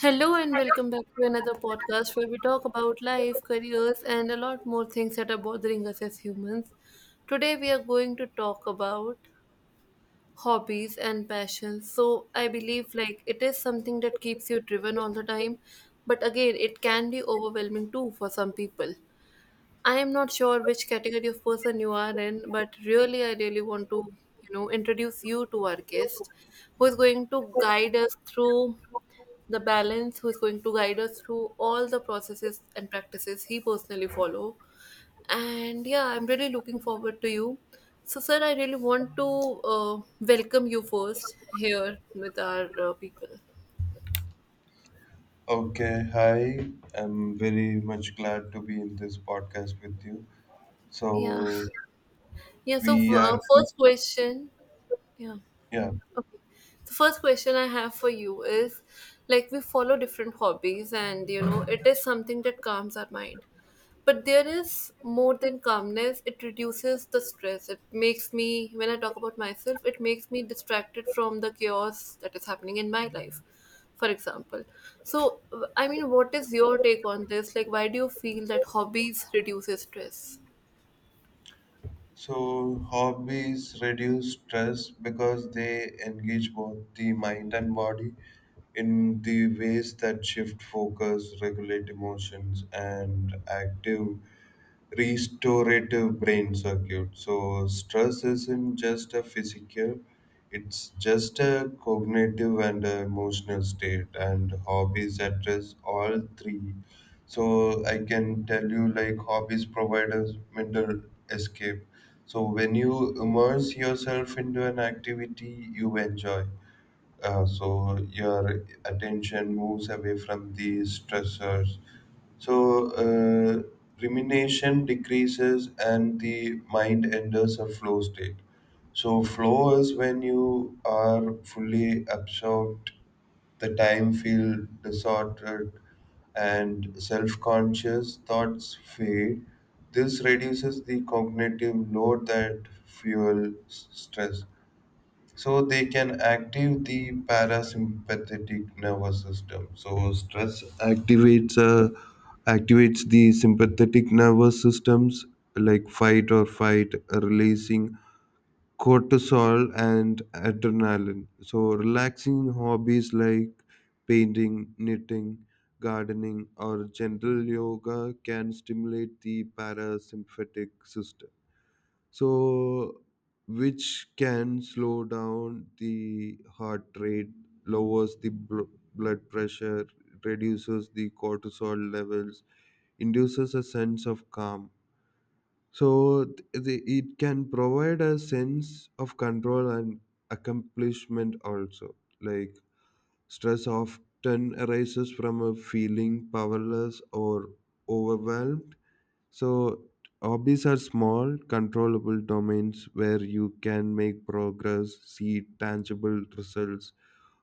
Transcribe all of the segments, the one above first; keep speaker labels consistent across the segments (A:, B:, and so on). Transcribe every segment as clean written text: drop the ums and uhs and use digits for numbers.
A: Hello and welcome back to another podcast where we talk about life, careers, and a lot more things that are bothering us as humans. Today we are going to talk about hobbies and passions. So I believe like it is something that keeps you driven all the time, but again it can be overwhelming too for some people. I am not sure which category of person you are in, but really I really want to introduce you to our guest who is going to guide us through the balance who's going to guide us through all the processes and practices he personally follow. And yeah, I'm really looking forward to you. So sir, I really want to welcome you first here with our people.
B: Okay, hi. I'm very much glad to be in this podcast with you.
A: Yeah,
B: So,
A: yeah. So
B: we are,
A: first question. Yeah.
B: yeah.
A: Okay. The first question I have for you is like we follow different hobbies, and it is something that calms our mind. But there is more than calmness, it reduces the stress. It makes me When I talk about myself, it makes me distracted from the chaos that is happening in my life, for example. So I mean, what is your take on this? Like, why do you feel that hobbies reduces stress?
B: So, hobbies reduce stress because they engage both the mind and body in the ways that shift focus, regulate emotions, and active restorative brain circuit. So stress isn't just a physical, it's just a cognitive and a emotional state, and hobbies address all three. So I can tell you, like, hobbies provide us mental escape. So when you immerse yourself into an activity you enjoy, so your attention moves away from the stressors, so rumination decreases and the mind enters a flow state. So flow is when you are fully absorbed, the time feel disordered and self-conscious thoughts fade. This reduces the cognitive load that fuels stress. So they can active the parasympathetic nervous system. So stress activates uh, activates the sympathetic nervous systems, like fight or fight, releasing cortisol and adrenaline. So relaxing hobbies like painting, knitting, gardening, or gentle yoga can stimulate the parasympathetic system. So, which can slow down the heart rate, lowers the blood pressure, reduces the cortisol levels, induces a sense of calm. So, it can provide a sense of control and accomplishment also. Like, stress often arises from a feeling powerless or overwhelmed, so hobbies are small, controllable domains where you can make progress, see tangible results,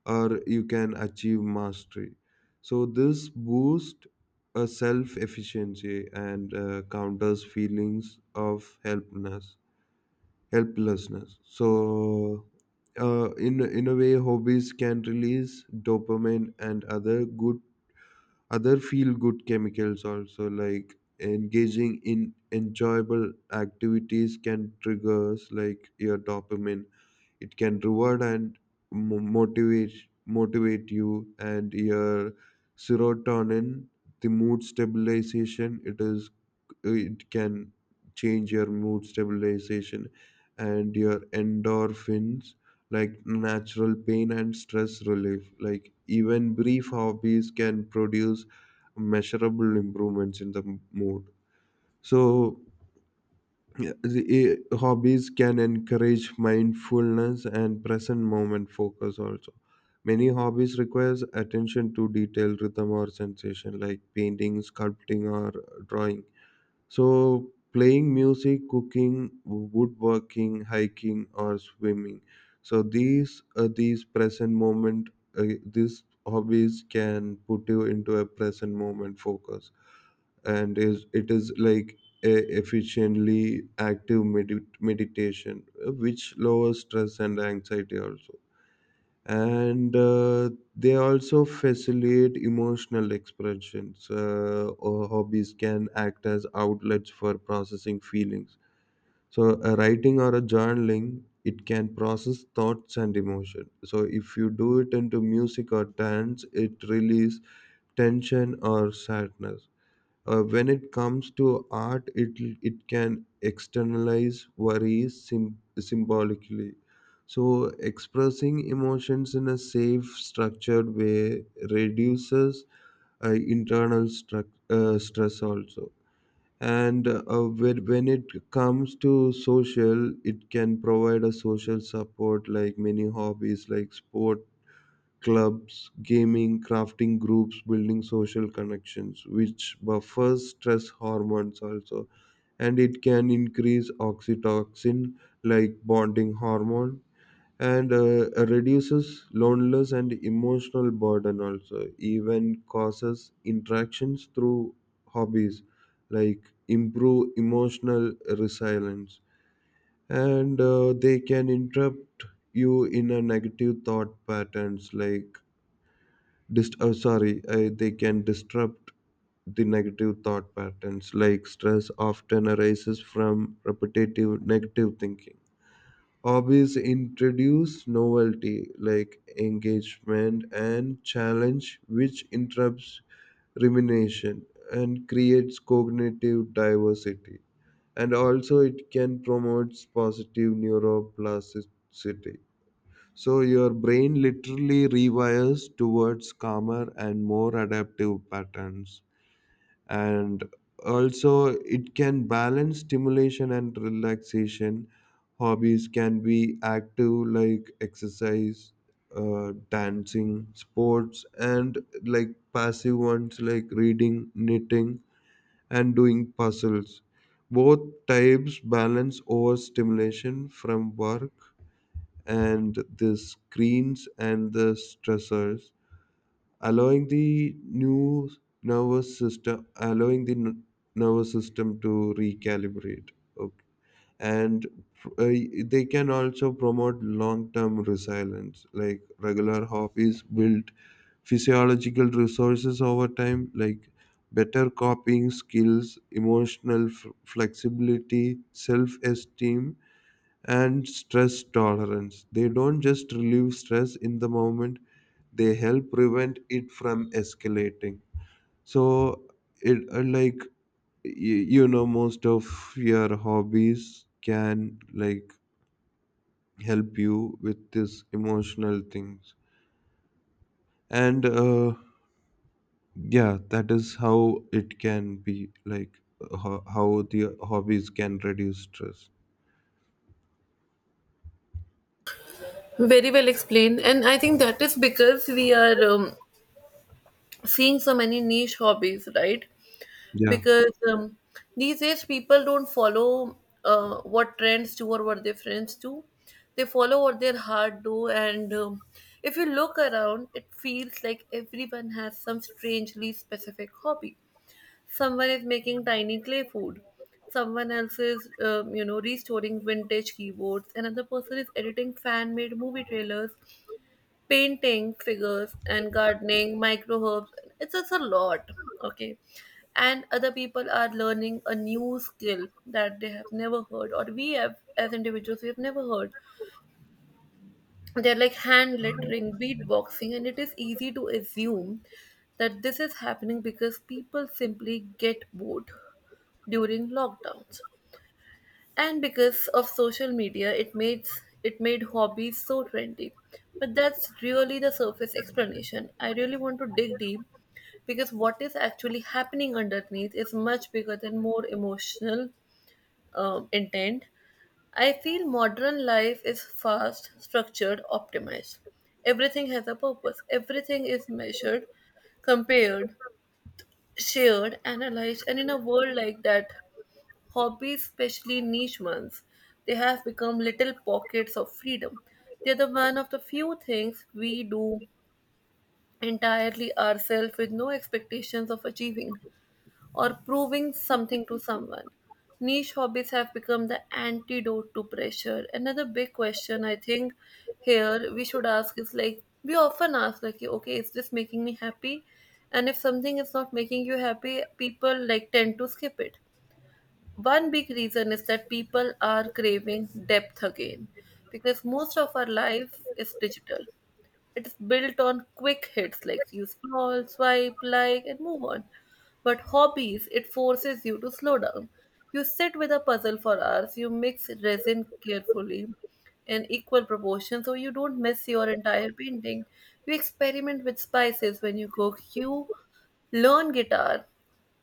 B: or you can achieve mastery. So, this boosts a self efficiency and counters feelings of helplessness. Helplessness. So, in a way, hobbies can release dopamine and other good other feel good chemicals also, like engaging in enjoyable activities can triggers like your dopamine, it can reward and mo- motivate motivate you, and your serotonin, the mood stabilization it is, it can change your mood stabilization, and your endorphins like natural pain and stress relief, like even brief hobbies can produce measurable improvements in the mood. So yeah, hobbies can encourage mindfulness and present moment focus also. Many hobbies requires attention to detail, rhythm, or sensation, like painting, sculpting, or drawing, so playing music, cooking, woodworking, hiking, or swimming. So these hobbies can put you into a present moment focus, and is it is like a efficiently active meditation, which lowers stress and anxiety also. And they also facilitate emotional expressions, or hobbies can act as outlets for processing feelings. So a writing or a journaling, it can process thoughts and emotion. So if you do it into music or dance, it release tension or sadness. When it comes to art, it can externalize worries symbolically. So expressing emotions in a safe structured way reduces internal stress also. And uh, when when it comes to social, it can provide a social support, like many hobbies like sport clubs, gaming, crafting groups, building social connections, which buffers stress hormones also. And it can increase oxytocin, like bonding hormone, and reduces loneliness and emotional burden also. Even causes interactions through hobbies, like, improve emotional resilience. And they can interrupt you in a negative thought patterns, like they can disrupt the negative thought patterns, like stress often arises from repetitive negative thinking. Hobbies introduce novelty like engagement and challenge, which interrupts rumination and creates cognitive diversity. And also, it can promote positive neuroplasticity, so your brain literally rewires towards calmer and more adaptive patterns. And also, it can balance stimulation and relaxation. Hobbies can be active, like exercise, dancing, sports, and like passive ones like reading, knitting, and doing puzzles. Both types balance overstimulation from work and the screens and the stressors, allowing the new nervous system, allowing the nervous system to recalibrate, okay. And uh, they can also promote long-term resilience, like regular hobbies build physiological resources over time, like better coping skills, emotional flexibility, self-esteem, and stress tolerance. They don't just relieve stress in the moment, they help prevent it from escalating. So, it like, most of your hobbies can, like, help you with this emotional things, and yeah, that is how it can be like how the hobbies can reduce stress.
A: Very well explained, and I think that is because we are seeing so many niche hobbies, right?
B: Yeah.
A: Because these days people don't follow what trends do or what their friends do. They follow what their heart do, and if you look around, it feels like everyone has some strangely specific hobby. Someone is making tiny clay food. Someone else is restoring vintage keyboards. Another person is editing fan-made movie trailers, painting figures, and gardening micro herbs. It's just a lot. Okay. And other people are learning a new skill that they have never heard, or we have as individuals we have never heard. They're like hand lettering, beatboxing, and it is easy to assume that this is happening because people simply get bored during lockdowns, and because of social media, it made hobbies so trendy. But that's really the surface explanation. I really want to dig deep, because what is actually happening underneath is much bigger than more emotional intent. I feel modern life is fast, structured, optimized. Everything has a purpose, everything is measured, compared, shared, analyzed, and in a world like that, hobbies, especially niche ones, they have become little pockets of freedom. They're the one of the few things we do entirely ourselves, with no expectations of achieving or proving something to someone. Niche hobbies have become the antidote to pressure. Another big question I think here we should ask is, like, we often ask like, okay, is this making me happy? And if something is not making you happy, people like tend to skip it. One big reason is that people are craving depth again, because most of our life is digital. It is built on quick hits, like you scroll, swipe, like, and move on. But hobbies, it forces you to slow down. You sit with a puzzle for hours, you mix resin carefully in equal proportions so you don't mess your entire painting. You experiment with spices when you cook, you learn guitar,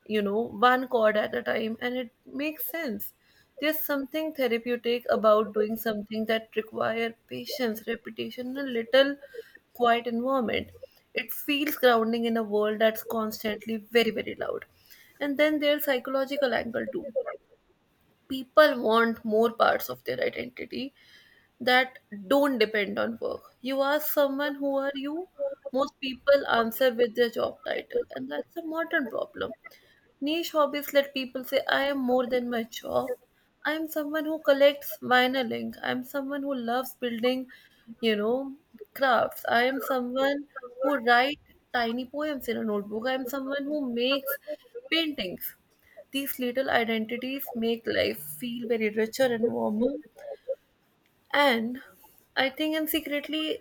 A: you know, one chord at a time, and it makes sense. There's something therapeutic about doing something that requires patience, repetition, and a little quiet environment. It feels grounding in a world that's constantly very, very loud. And then there's psychological angle too. People want more parts of their identity that don't depend on work. You ask someone, who are you? Most people answer with their job title, and that's a modern problem. Niche hobbies let people say, I am more than my job. I am someone who collects vinyling. I am someone who loves building, you know, crafts. I am someone who writes tiny poems in a notebook. I am someone who makes paintings. These little identities make life feel very richer and warmer. And I think, and secretly,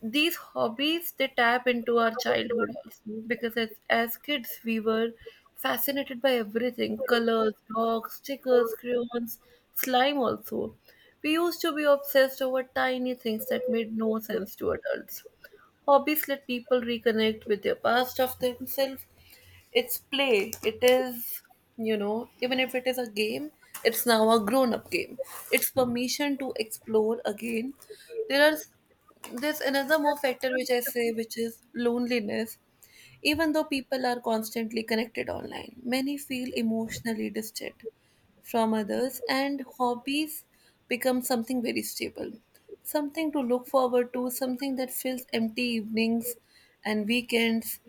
A: these hobbies they tap into our childhood also, because as kids we were fascinated by everything: colors, dogs, stickers, crayons, slime also. We used to be obsessed over tiny things that made no sense to adults. Hobbies let people reconnect with their past of themselves. It's play, it is, you know, even if it is a game, it's now a grown up game. It's permission to explore again. There are, there's another more factor which I say, which is loneliness. Even though people are constantly connected online, many feel emotionally distant from others, and hobbies become something very stable, something to look forward to, something that fills empty evenings and weekends,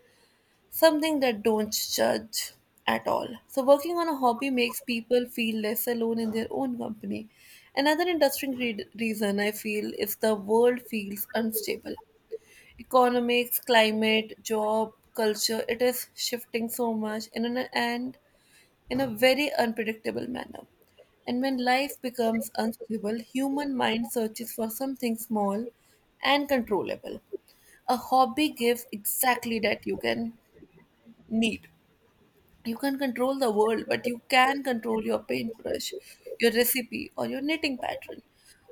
A: something that don't judge at all. So working on a hobby makes people feel less alone in their own company. Another interesting reason I feel is the world feels unstable. Economics, climate, job, culture, it is shifting so much and in a very unpredictable manner. And when life becomes unstable, human mind searches for something small and controllable. A hobby gives exactly that you can need. You can control the world, but you can control your paintbrush, your recipe, or your knitting pattern.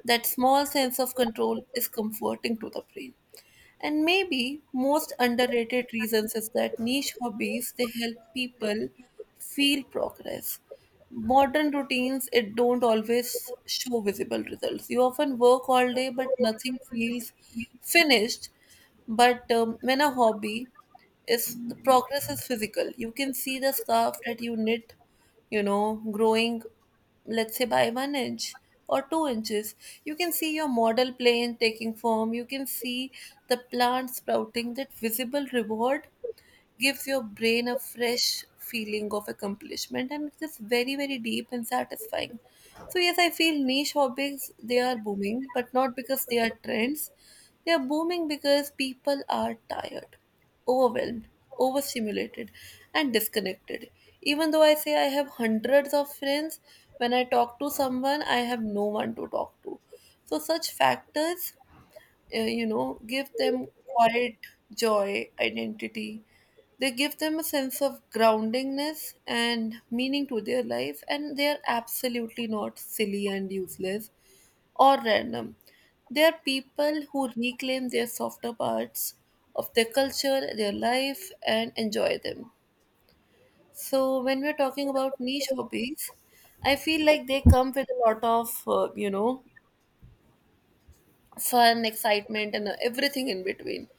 A: That small sense of control is comforting to the brain. And maybe most underrated reasons is that niche hobbies they help people feel progress. Modern routines it don't always show visible results. You often work all day but nothing feels finished. But when a hobby is, the progress is physical. You can see the scarf that you knit, you know, growing, let's say by 1 inch or 2 inches. You can see your model plane taking form. You can see the plant sprouting. That visible reward gives your brain a fresh feeling of accomplishment, and it's just very, very deep and satisfying. So yes, I feel niche hobbies, they are booming, but not because they are trends. They are booming because people are tired, overwhelmed, overstimulated, and disconnected. Even though I say I have hundreds of friends, when I talk to someone, I have no one to talk to. So such factors, give them quiet joy, identity. They give them a sense of groundingness and meaning to their life, and they are absolutely not silly and useless or random. They are people who reclaim their softer parts of their culture, their life, and enjoy them. So, when we're talking about niche hobbies, I feel like they come with a lot of fun, excitement, and everything in between.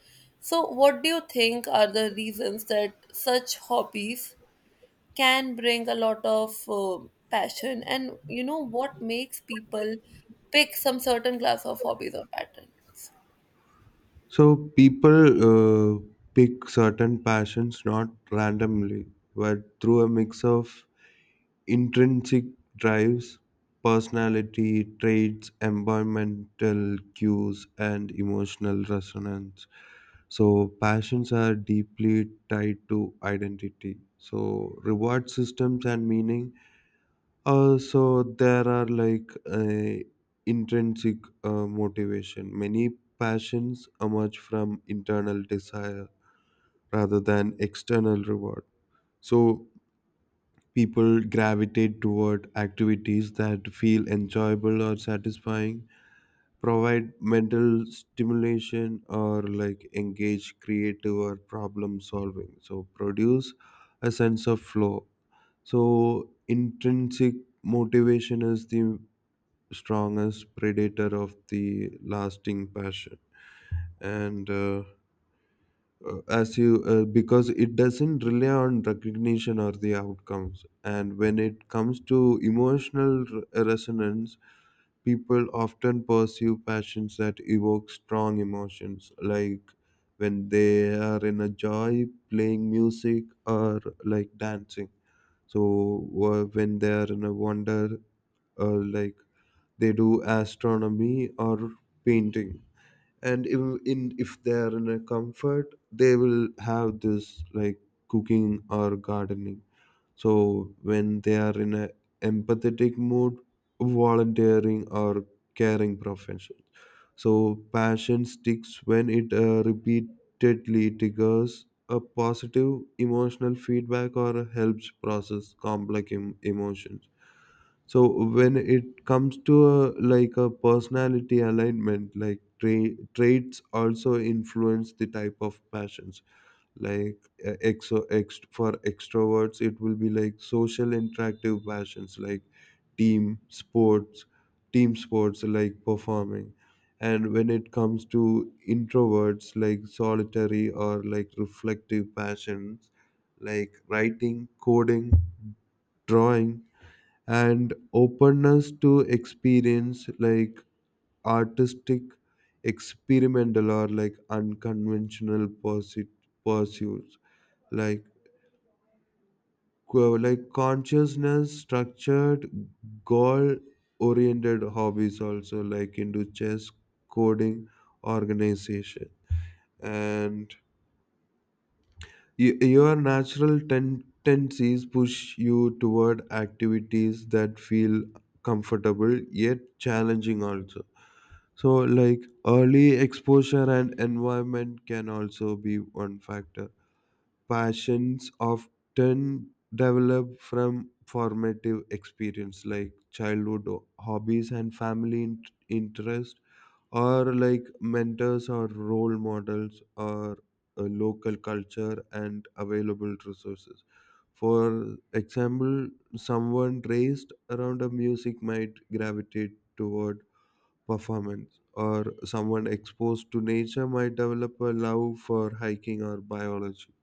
A: So, what do you think are the reasons that such hobbies can bring a lot of passion? And you know, what makes people pick some certain class of hobbies or patterns?
B: So people uh, pick certain passions not randomly, but through a mix of intrinsic drives, personality traits, environmental cues, and emotional resonance. So passions are deeply tied to identity. So reward systems and meaning also, there are like a intrinsic motivation. Many passions emerge from internal desire rather than external reward. So, people gravitate toward activities that feel enjoyable or satisfying, provide mental stimulation, or like engage creative or problem solving. So, produce a sense of flow. So, intrinsic motivation is the strongest predator of the lasting passion, and as you because it doesn't rely on recognition or the outcomes. And when it comes to emotional resonance, people often pursue passions that evoke strong emotions, like when they are in a joy playing music or like dancing. When they are in a wonder, or like, they do astronomy or painting. And if, in if they are in a comfort, they will have this like cooking or gardening. So when they are in a empathetic mood, volunteering or caring profession. So passion sticks when it repeatedly triggers a positive emotional feedback, or helps process complex emotions. So when it comes to a, like a personality alignment, like traits also influence the type of passions. Like, for extroverts, it will be like social interactive passions, like team sports, team sports like performing. And when it comes to introverts, like solitary or like reflective passions, like writing, coding, drawing, and openness to experience like artistic, experimental, or like unconventional pursuits, like like consciousness structured, goal oriented hobbies also, like into chess, coding, organization, and your natural tendencies push you toward activities that feel comfortable yet challenging also. So, like, early exposure and environment can also be one factor. Passions often develop from formative experience, like childhood hobbies and family interest, or like mentors or role models, or a local culture and available resources. For example, someone raised around a music might gravitate toward performance, or someone exposed to nature might develop a love for hiking or biology.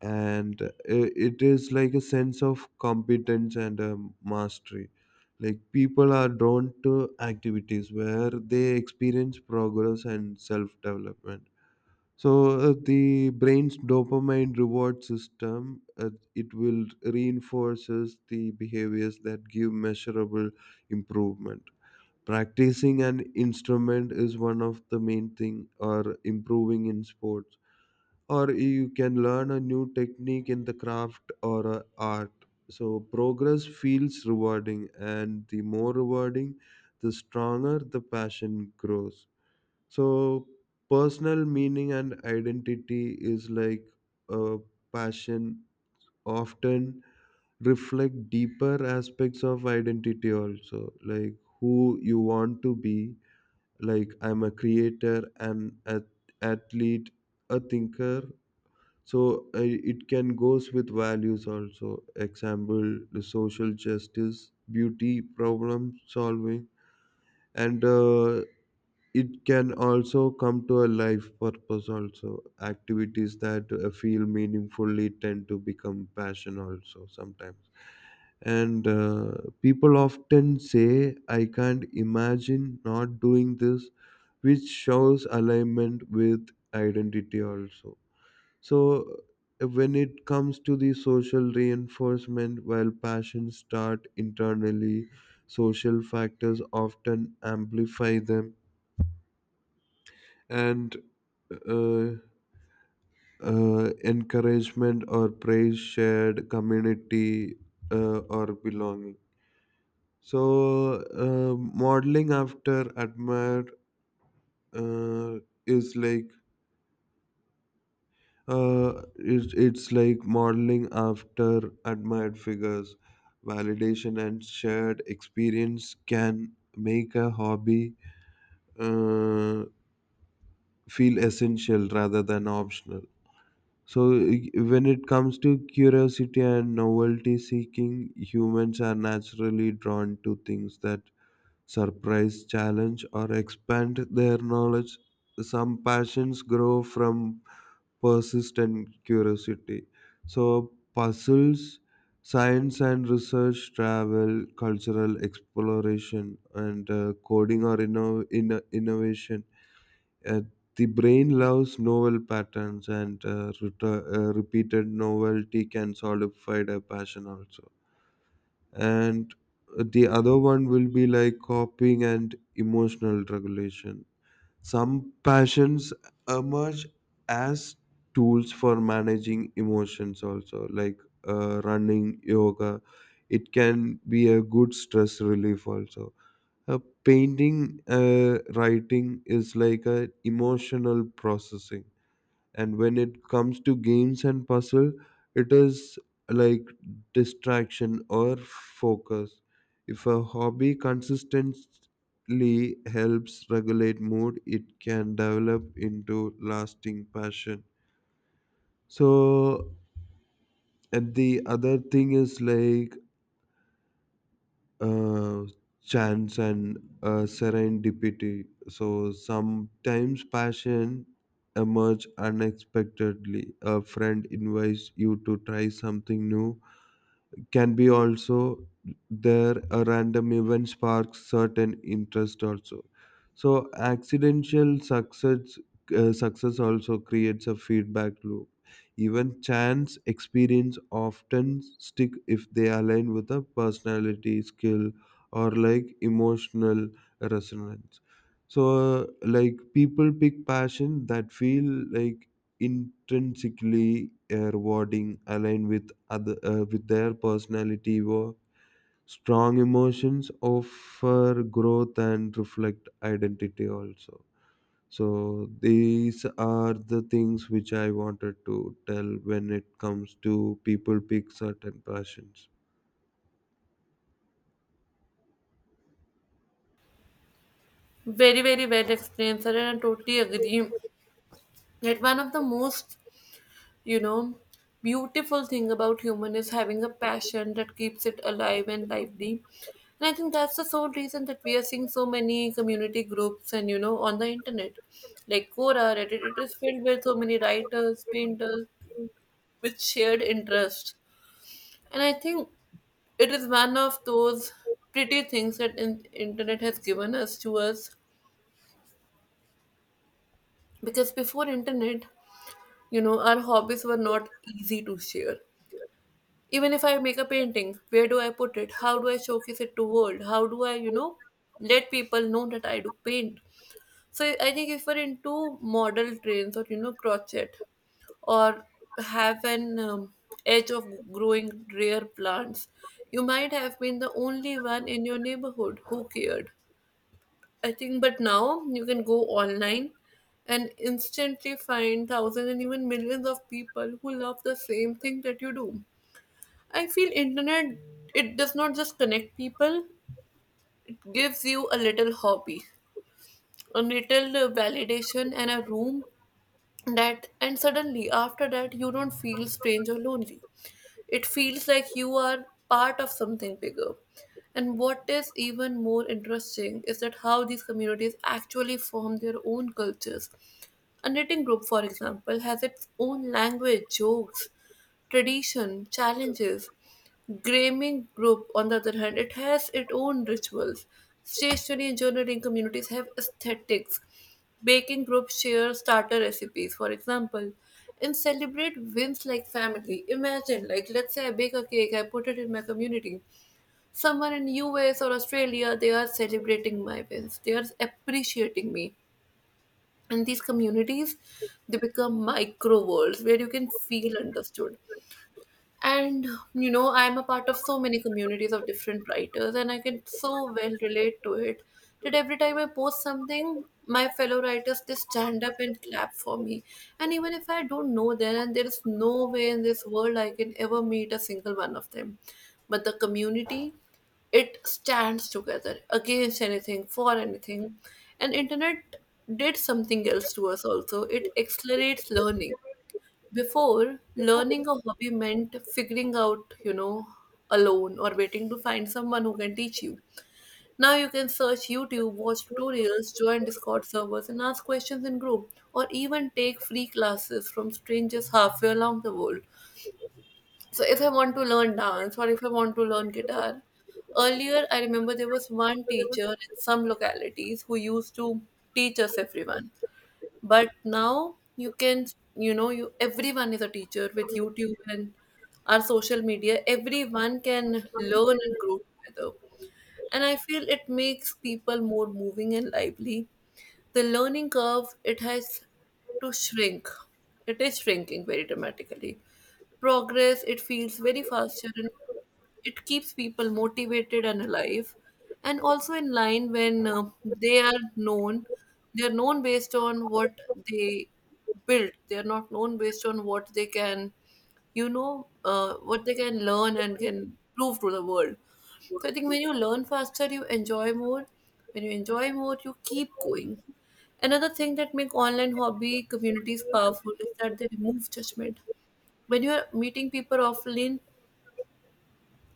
B: And it is like a sense of competence and mastery. Like, people are drawn to activities where they experience progress and self development. The brain's dopamine reward system, it will reinforces the behaviors that give measurable improvement. Practicing an instrument is one of the main thing, or improving in sports, or you can learn a new technique in the craft or a art. So progress feels rewarding, and the more rewarding, the stronger the passion grows. So personal meaning and identity is like a passion, often reflect deeper aspects of identity also, like who you want to be, like, I'm a creator, an athlete, a thinker. So it can goes with values also, example the social justice, beauty, problem solving. And it can also come to a life purpose also. Activities that feel meaningfully tend to become passion also sometimes. And people often say, I can't imagine not doing this, which shows alignment with identity also. When it comes to the social reinforcement, while passions start internally, social factors often amplify them. And uh, Encouragement or praise, shared community, or belonging. So modeling after admire uh, is like it's like modeling after admired figures. Validation and shared experience can make a hobby uh, feel essential rather than optional. So, when it comes to curiosity and novelty seeking, humans are naturally drawn to things that surprise, challenge, or expand their knowledge. Some passions grow from persistent curiosity. So, puzzles, science and research, travel, cultural exploration, and coding or innovation. Uh, the brain loves novel patterns, and repeated novelty can solidify a passion also. And the other one will be like copying and emotional regulation. Some passions emerge as tools for managing emotions also, like running, yoga. It can be a good stress relief also. Painting, writing is like a emotional processing, and when it comes to games and puzzle, it is like distraction or focus. If a hobby consistently helps regulate mood, it can develop into lasting passion. So, and the other thing is like uh, chance and serendipity. So sometimes passion emerge unexpectedly. A friend invites you to try something new, can be also there a random event sparks certain interest also. So accidental success also creates a feedback loop. Even chance experience often stick if they align with a personality skill, or like emotional resonance. So like, people pick passion that feel like intrinsically rewarding, aligned with other with their personality, or strong emotions offer growth and reflect identity also. So these are the things which I wanted to tell when it comes to people pick certain passions.
A: Very, very well explained, sir, and I totally agree. That one of the most, you know, beautiful thing about human is having a passion that keeps it alive and lively. And I think that's the sole reason that we are seeing so many community groups, and you know, on the internet, like Quora, Reddit, it is filled with so many writers, painters with shared interest. And I think it is one of those pretty things that internet has given us to us. Because before internet, you know, our hobbies were not easy to share. Even if I make a painting, where do I put it? How do I showcase it to world? How do I, you know, let people know that I do paint? So I think if we're into model trains, or you know, crochet, or have an edge of growing rare plants, you might have been the only one in your neighborhood who cared. I think, but now you can go online and instantly find thousands and even millions of people who love the same thing that you do. I feel internet, it does not just connect people, it gives you a little hobby, a little validation and a room that, and suddenly after that, you don't feel strange or lonely. It feels like you are part of something bigger. And what is even more interesting is that how these communities actually form their own cultures. A knitting group, for example, has its own language, jokes, tradition, challenges. Gaming group, on the other hand, it has its own rituals. Stationery and journaling communities have aesthetics. Baking groups share starter recipes, for example, and celebrate wins like family. Imagine, like, let's say I bake a cake, I put it in my community. Someone in US or Australia, they are celebrating my wins. They are appreciating me, and these communities, they become micro worlds where you can feel understood. And I'm a part of so many communities of different writers, and I can so well relate to it that every time I post something, my fellow writers, they stand up and clap for me. And even if I don't know them, and there is no way in this world I can ever meet a single one of them, but the community, it stands together against anything, for anything. And internet did something else to us. Also, it accelerates learning. Before, learning a hobby meant figuring out, alone, or waiting to find someone who can teach you. Now you can search YouTube, watch tutorials, join Discord servers, and ask questions in group, or even take free classes from strangers halfway along the world. So, if I want to learn dance or if I want to learn guitar, earlier I remember there was one teacher in some localities who used to teach us everyone. But now you can, you know you everyone is a teacher with YouTube and our social media. Everyone can learn and grow together. And I feel it makes people more moving and lively. The learning curve, it has to shrink. It is shrinking very dramatically. Progress, it feels very faster, and it keeps people motivated and alive. And also in line, when they are known based on what they build. They are not known based on what they can, what they can learn and can prove to the world. So I think when you learn faster, you enjoy more. When you enjoy more, you keep going. Another thing that make online hobby communities powerful is that they remove judgment. When you are meeting people offline,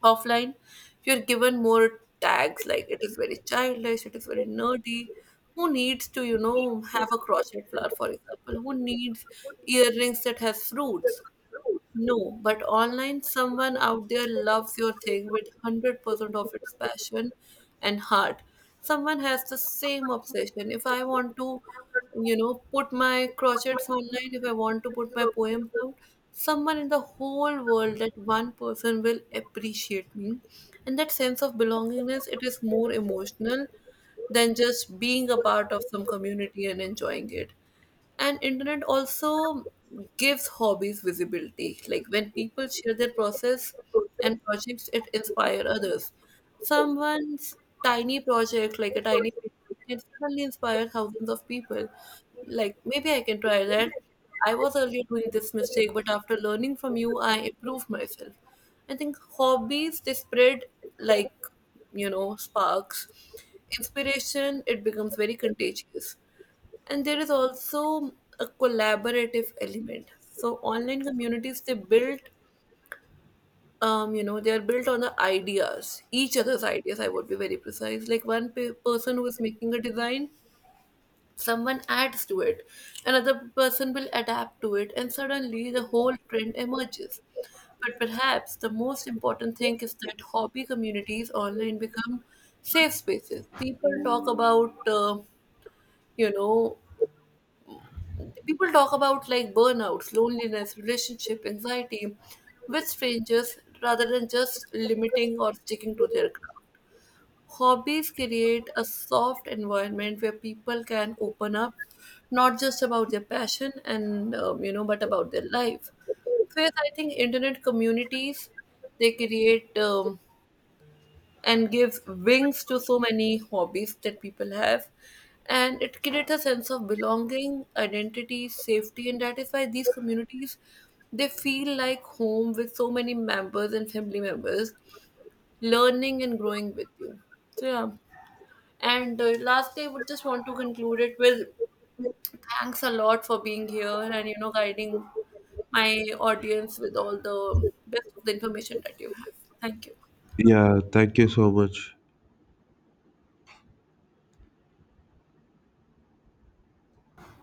A: offline, you are given more tags like it is very childish, it is very nerdy. Who needs to, have a crochet flower, for example? Who needs earrings that has fruits? No, but online, someone out there loves your thing with 100% of its passion and heart. Someone has the same obsession. If I want to, put my crochets online, if I want to put my poems out, someone in the whole world, that one person will appreciate me. And that sense of belongingness, it is more emotional than just being a part of some community and enjoying it. And internet also gives hobbies visibility, like when people share their process and projects, it inspire others. Someone's tiny project, like a tiny painting, can suddenly inspire thousands of people. Like, maybe I can try that. I was earlier doing this mistake, but after learning from you, I improved myself. I think hobbies, they spread like, sparks. Inspiration, it becomes very contagious. And there is also a collaborative element. So online communities, they built, they are built on the ideas, each other's ideas. I would be very precise. Like, one person who is making a design, someone adds to it, another person will adapt to it, and suddenly the whole trend emerges. But perhaps the most important thing is that hobby communities online become safe spaces. You know, People talk about, like, burnouts, loneliness, relationship, anxiety with strangers rather than just limiting or sticking to their craft. Hobbies create a soft environment where people can open up not just about their passion and, but about their life. So yes, I think internet communities, they create, and gives wings to so many hobbies that people have. And it creates a sense of belonging, identity, safety, and that is why these communities, they feel like home, with so many members and family members learning and growing with you. So yeah. And lastly, I would just want to conclude it with thanks a lot for being here, and guiding my audience with all the best of the information that you have. Thank you.
B: Yeah, thank you so much.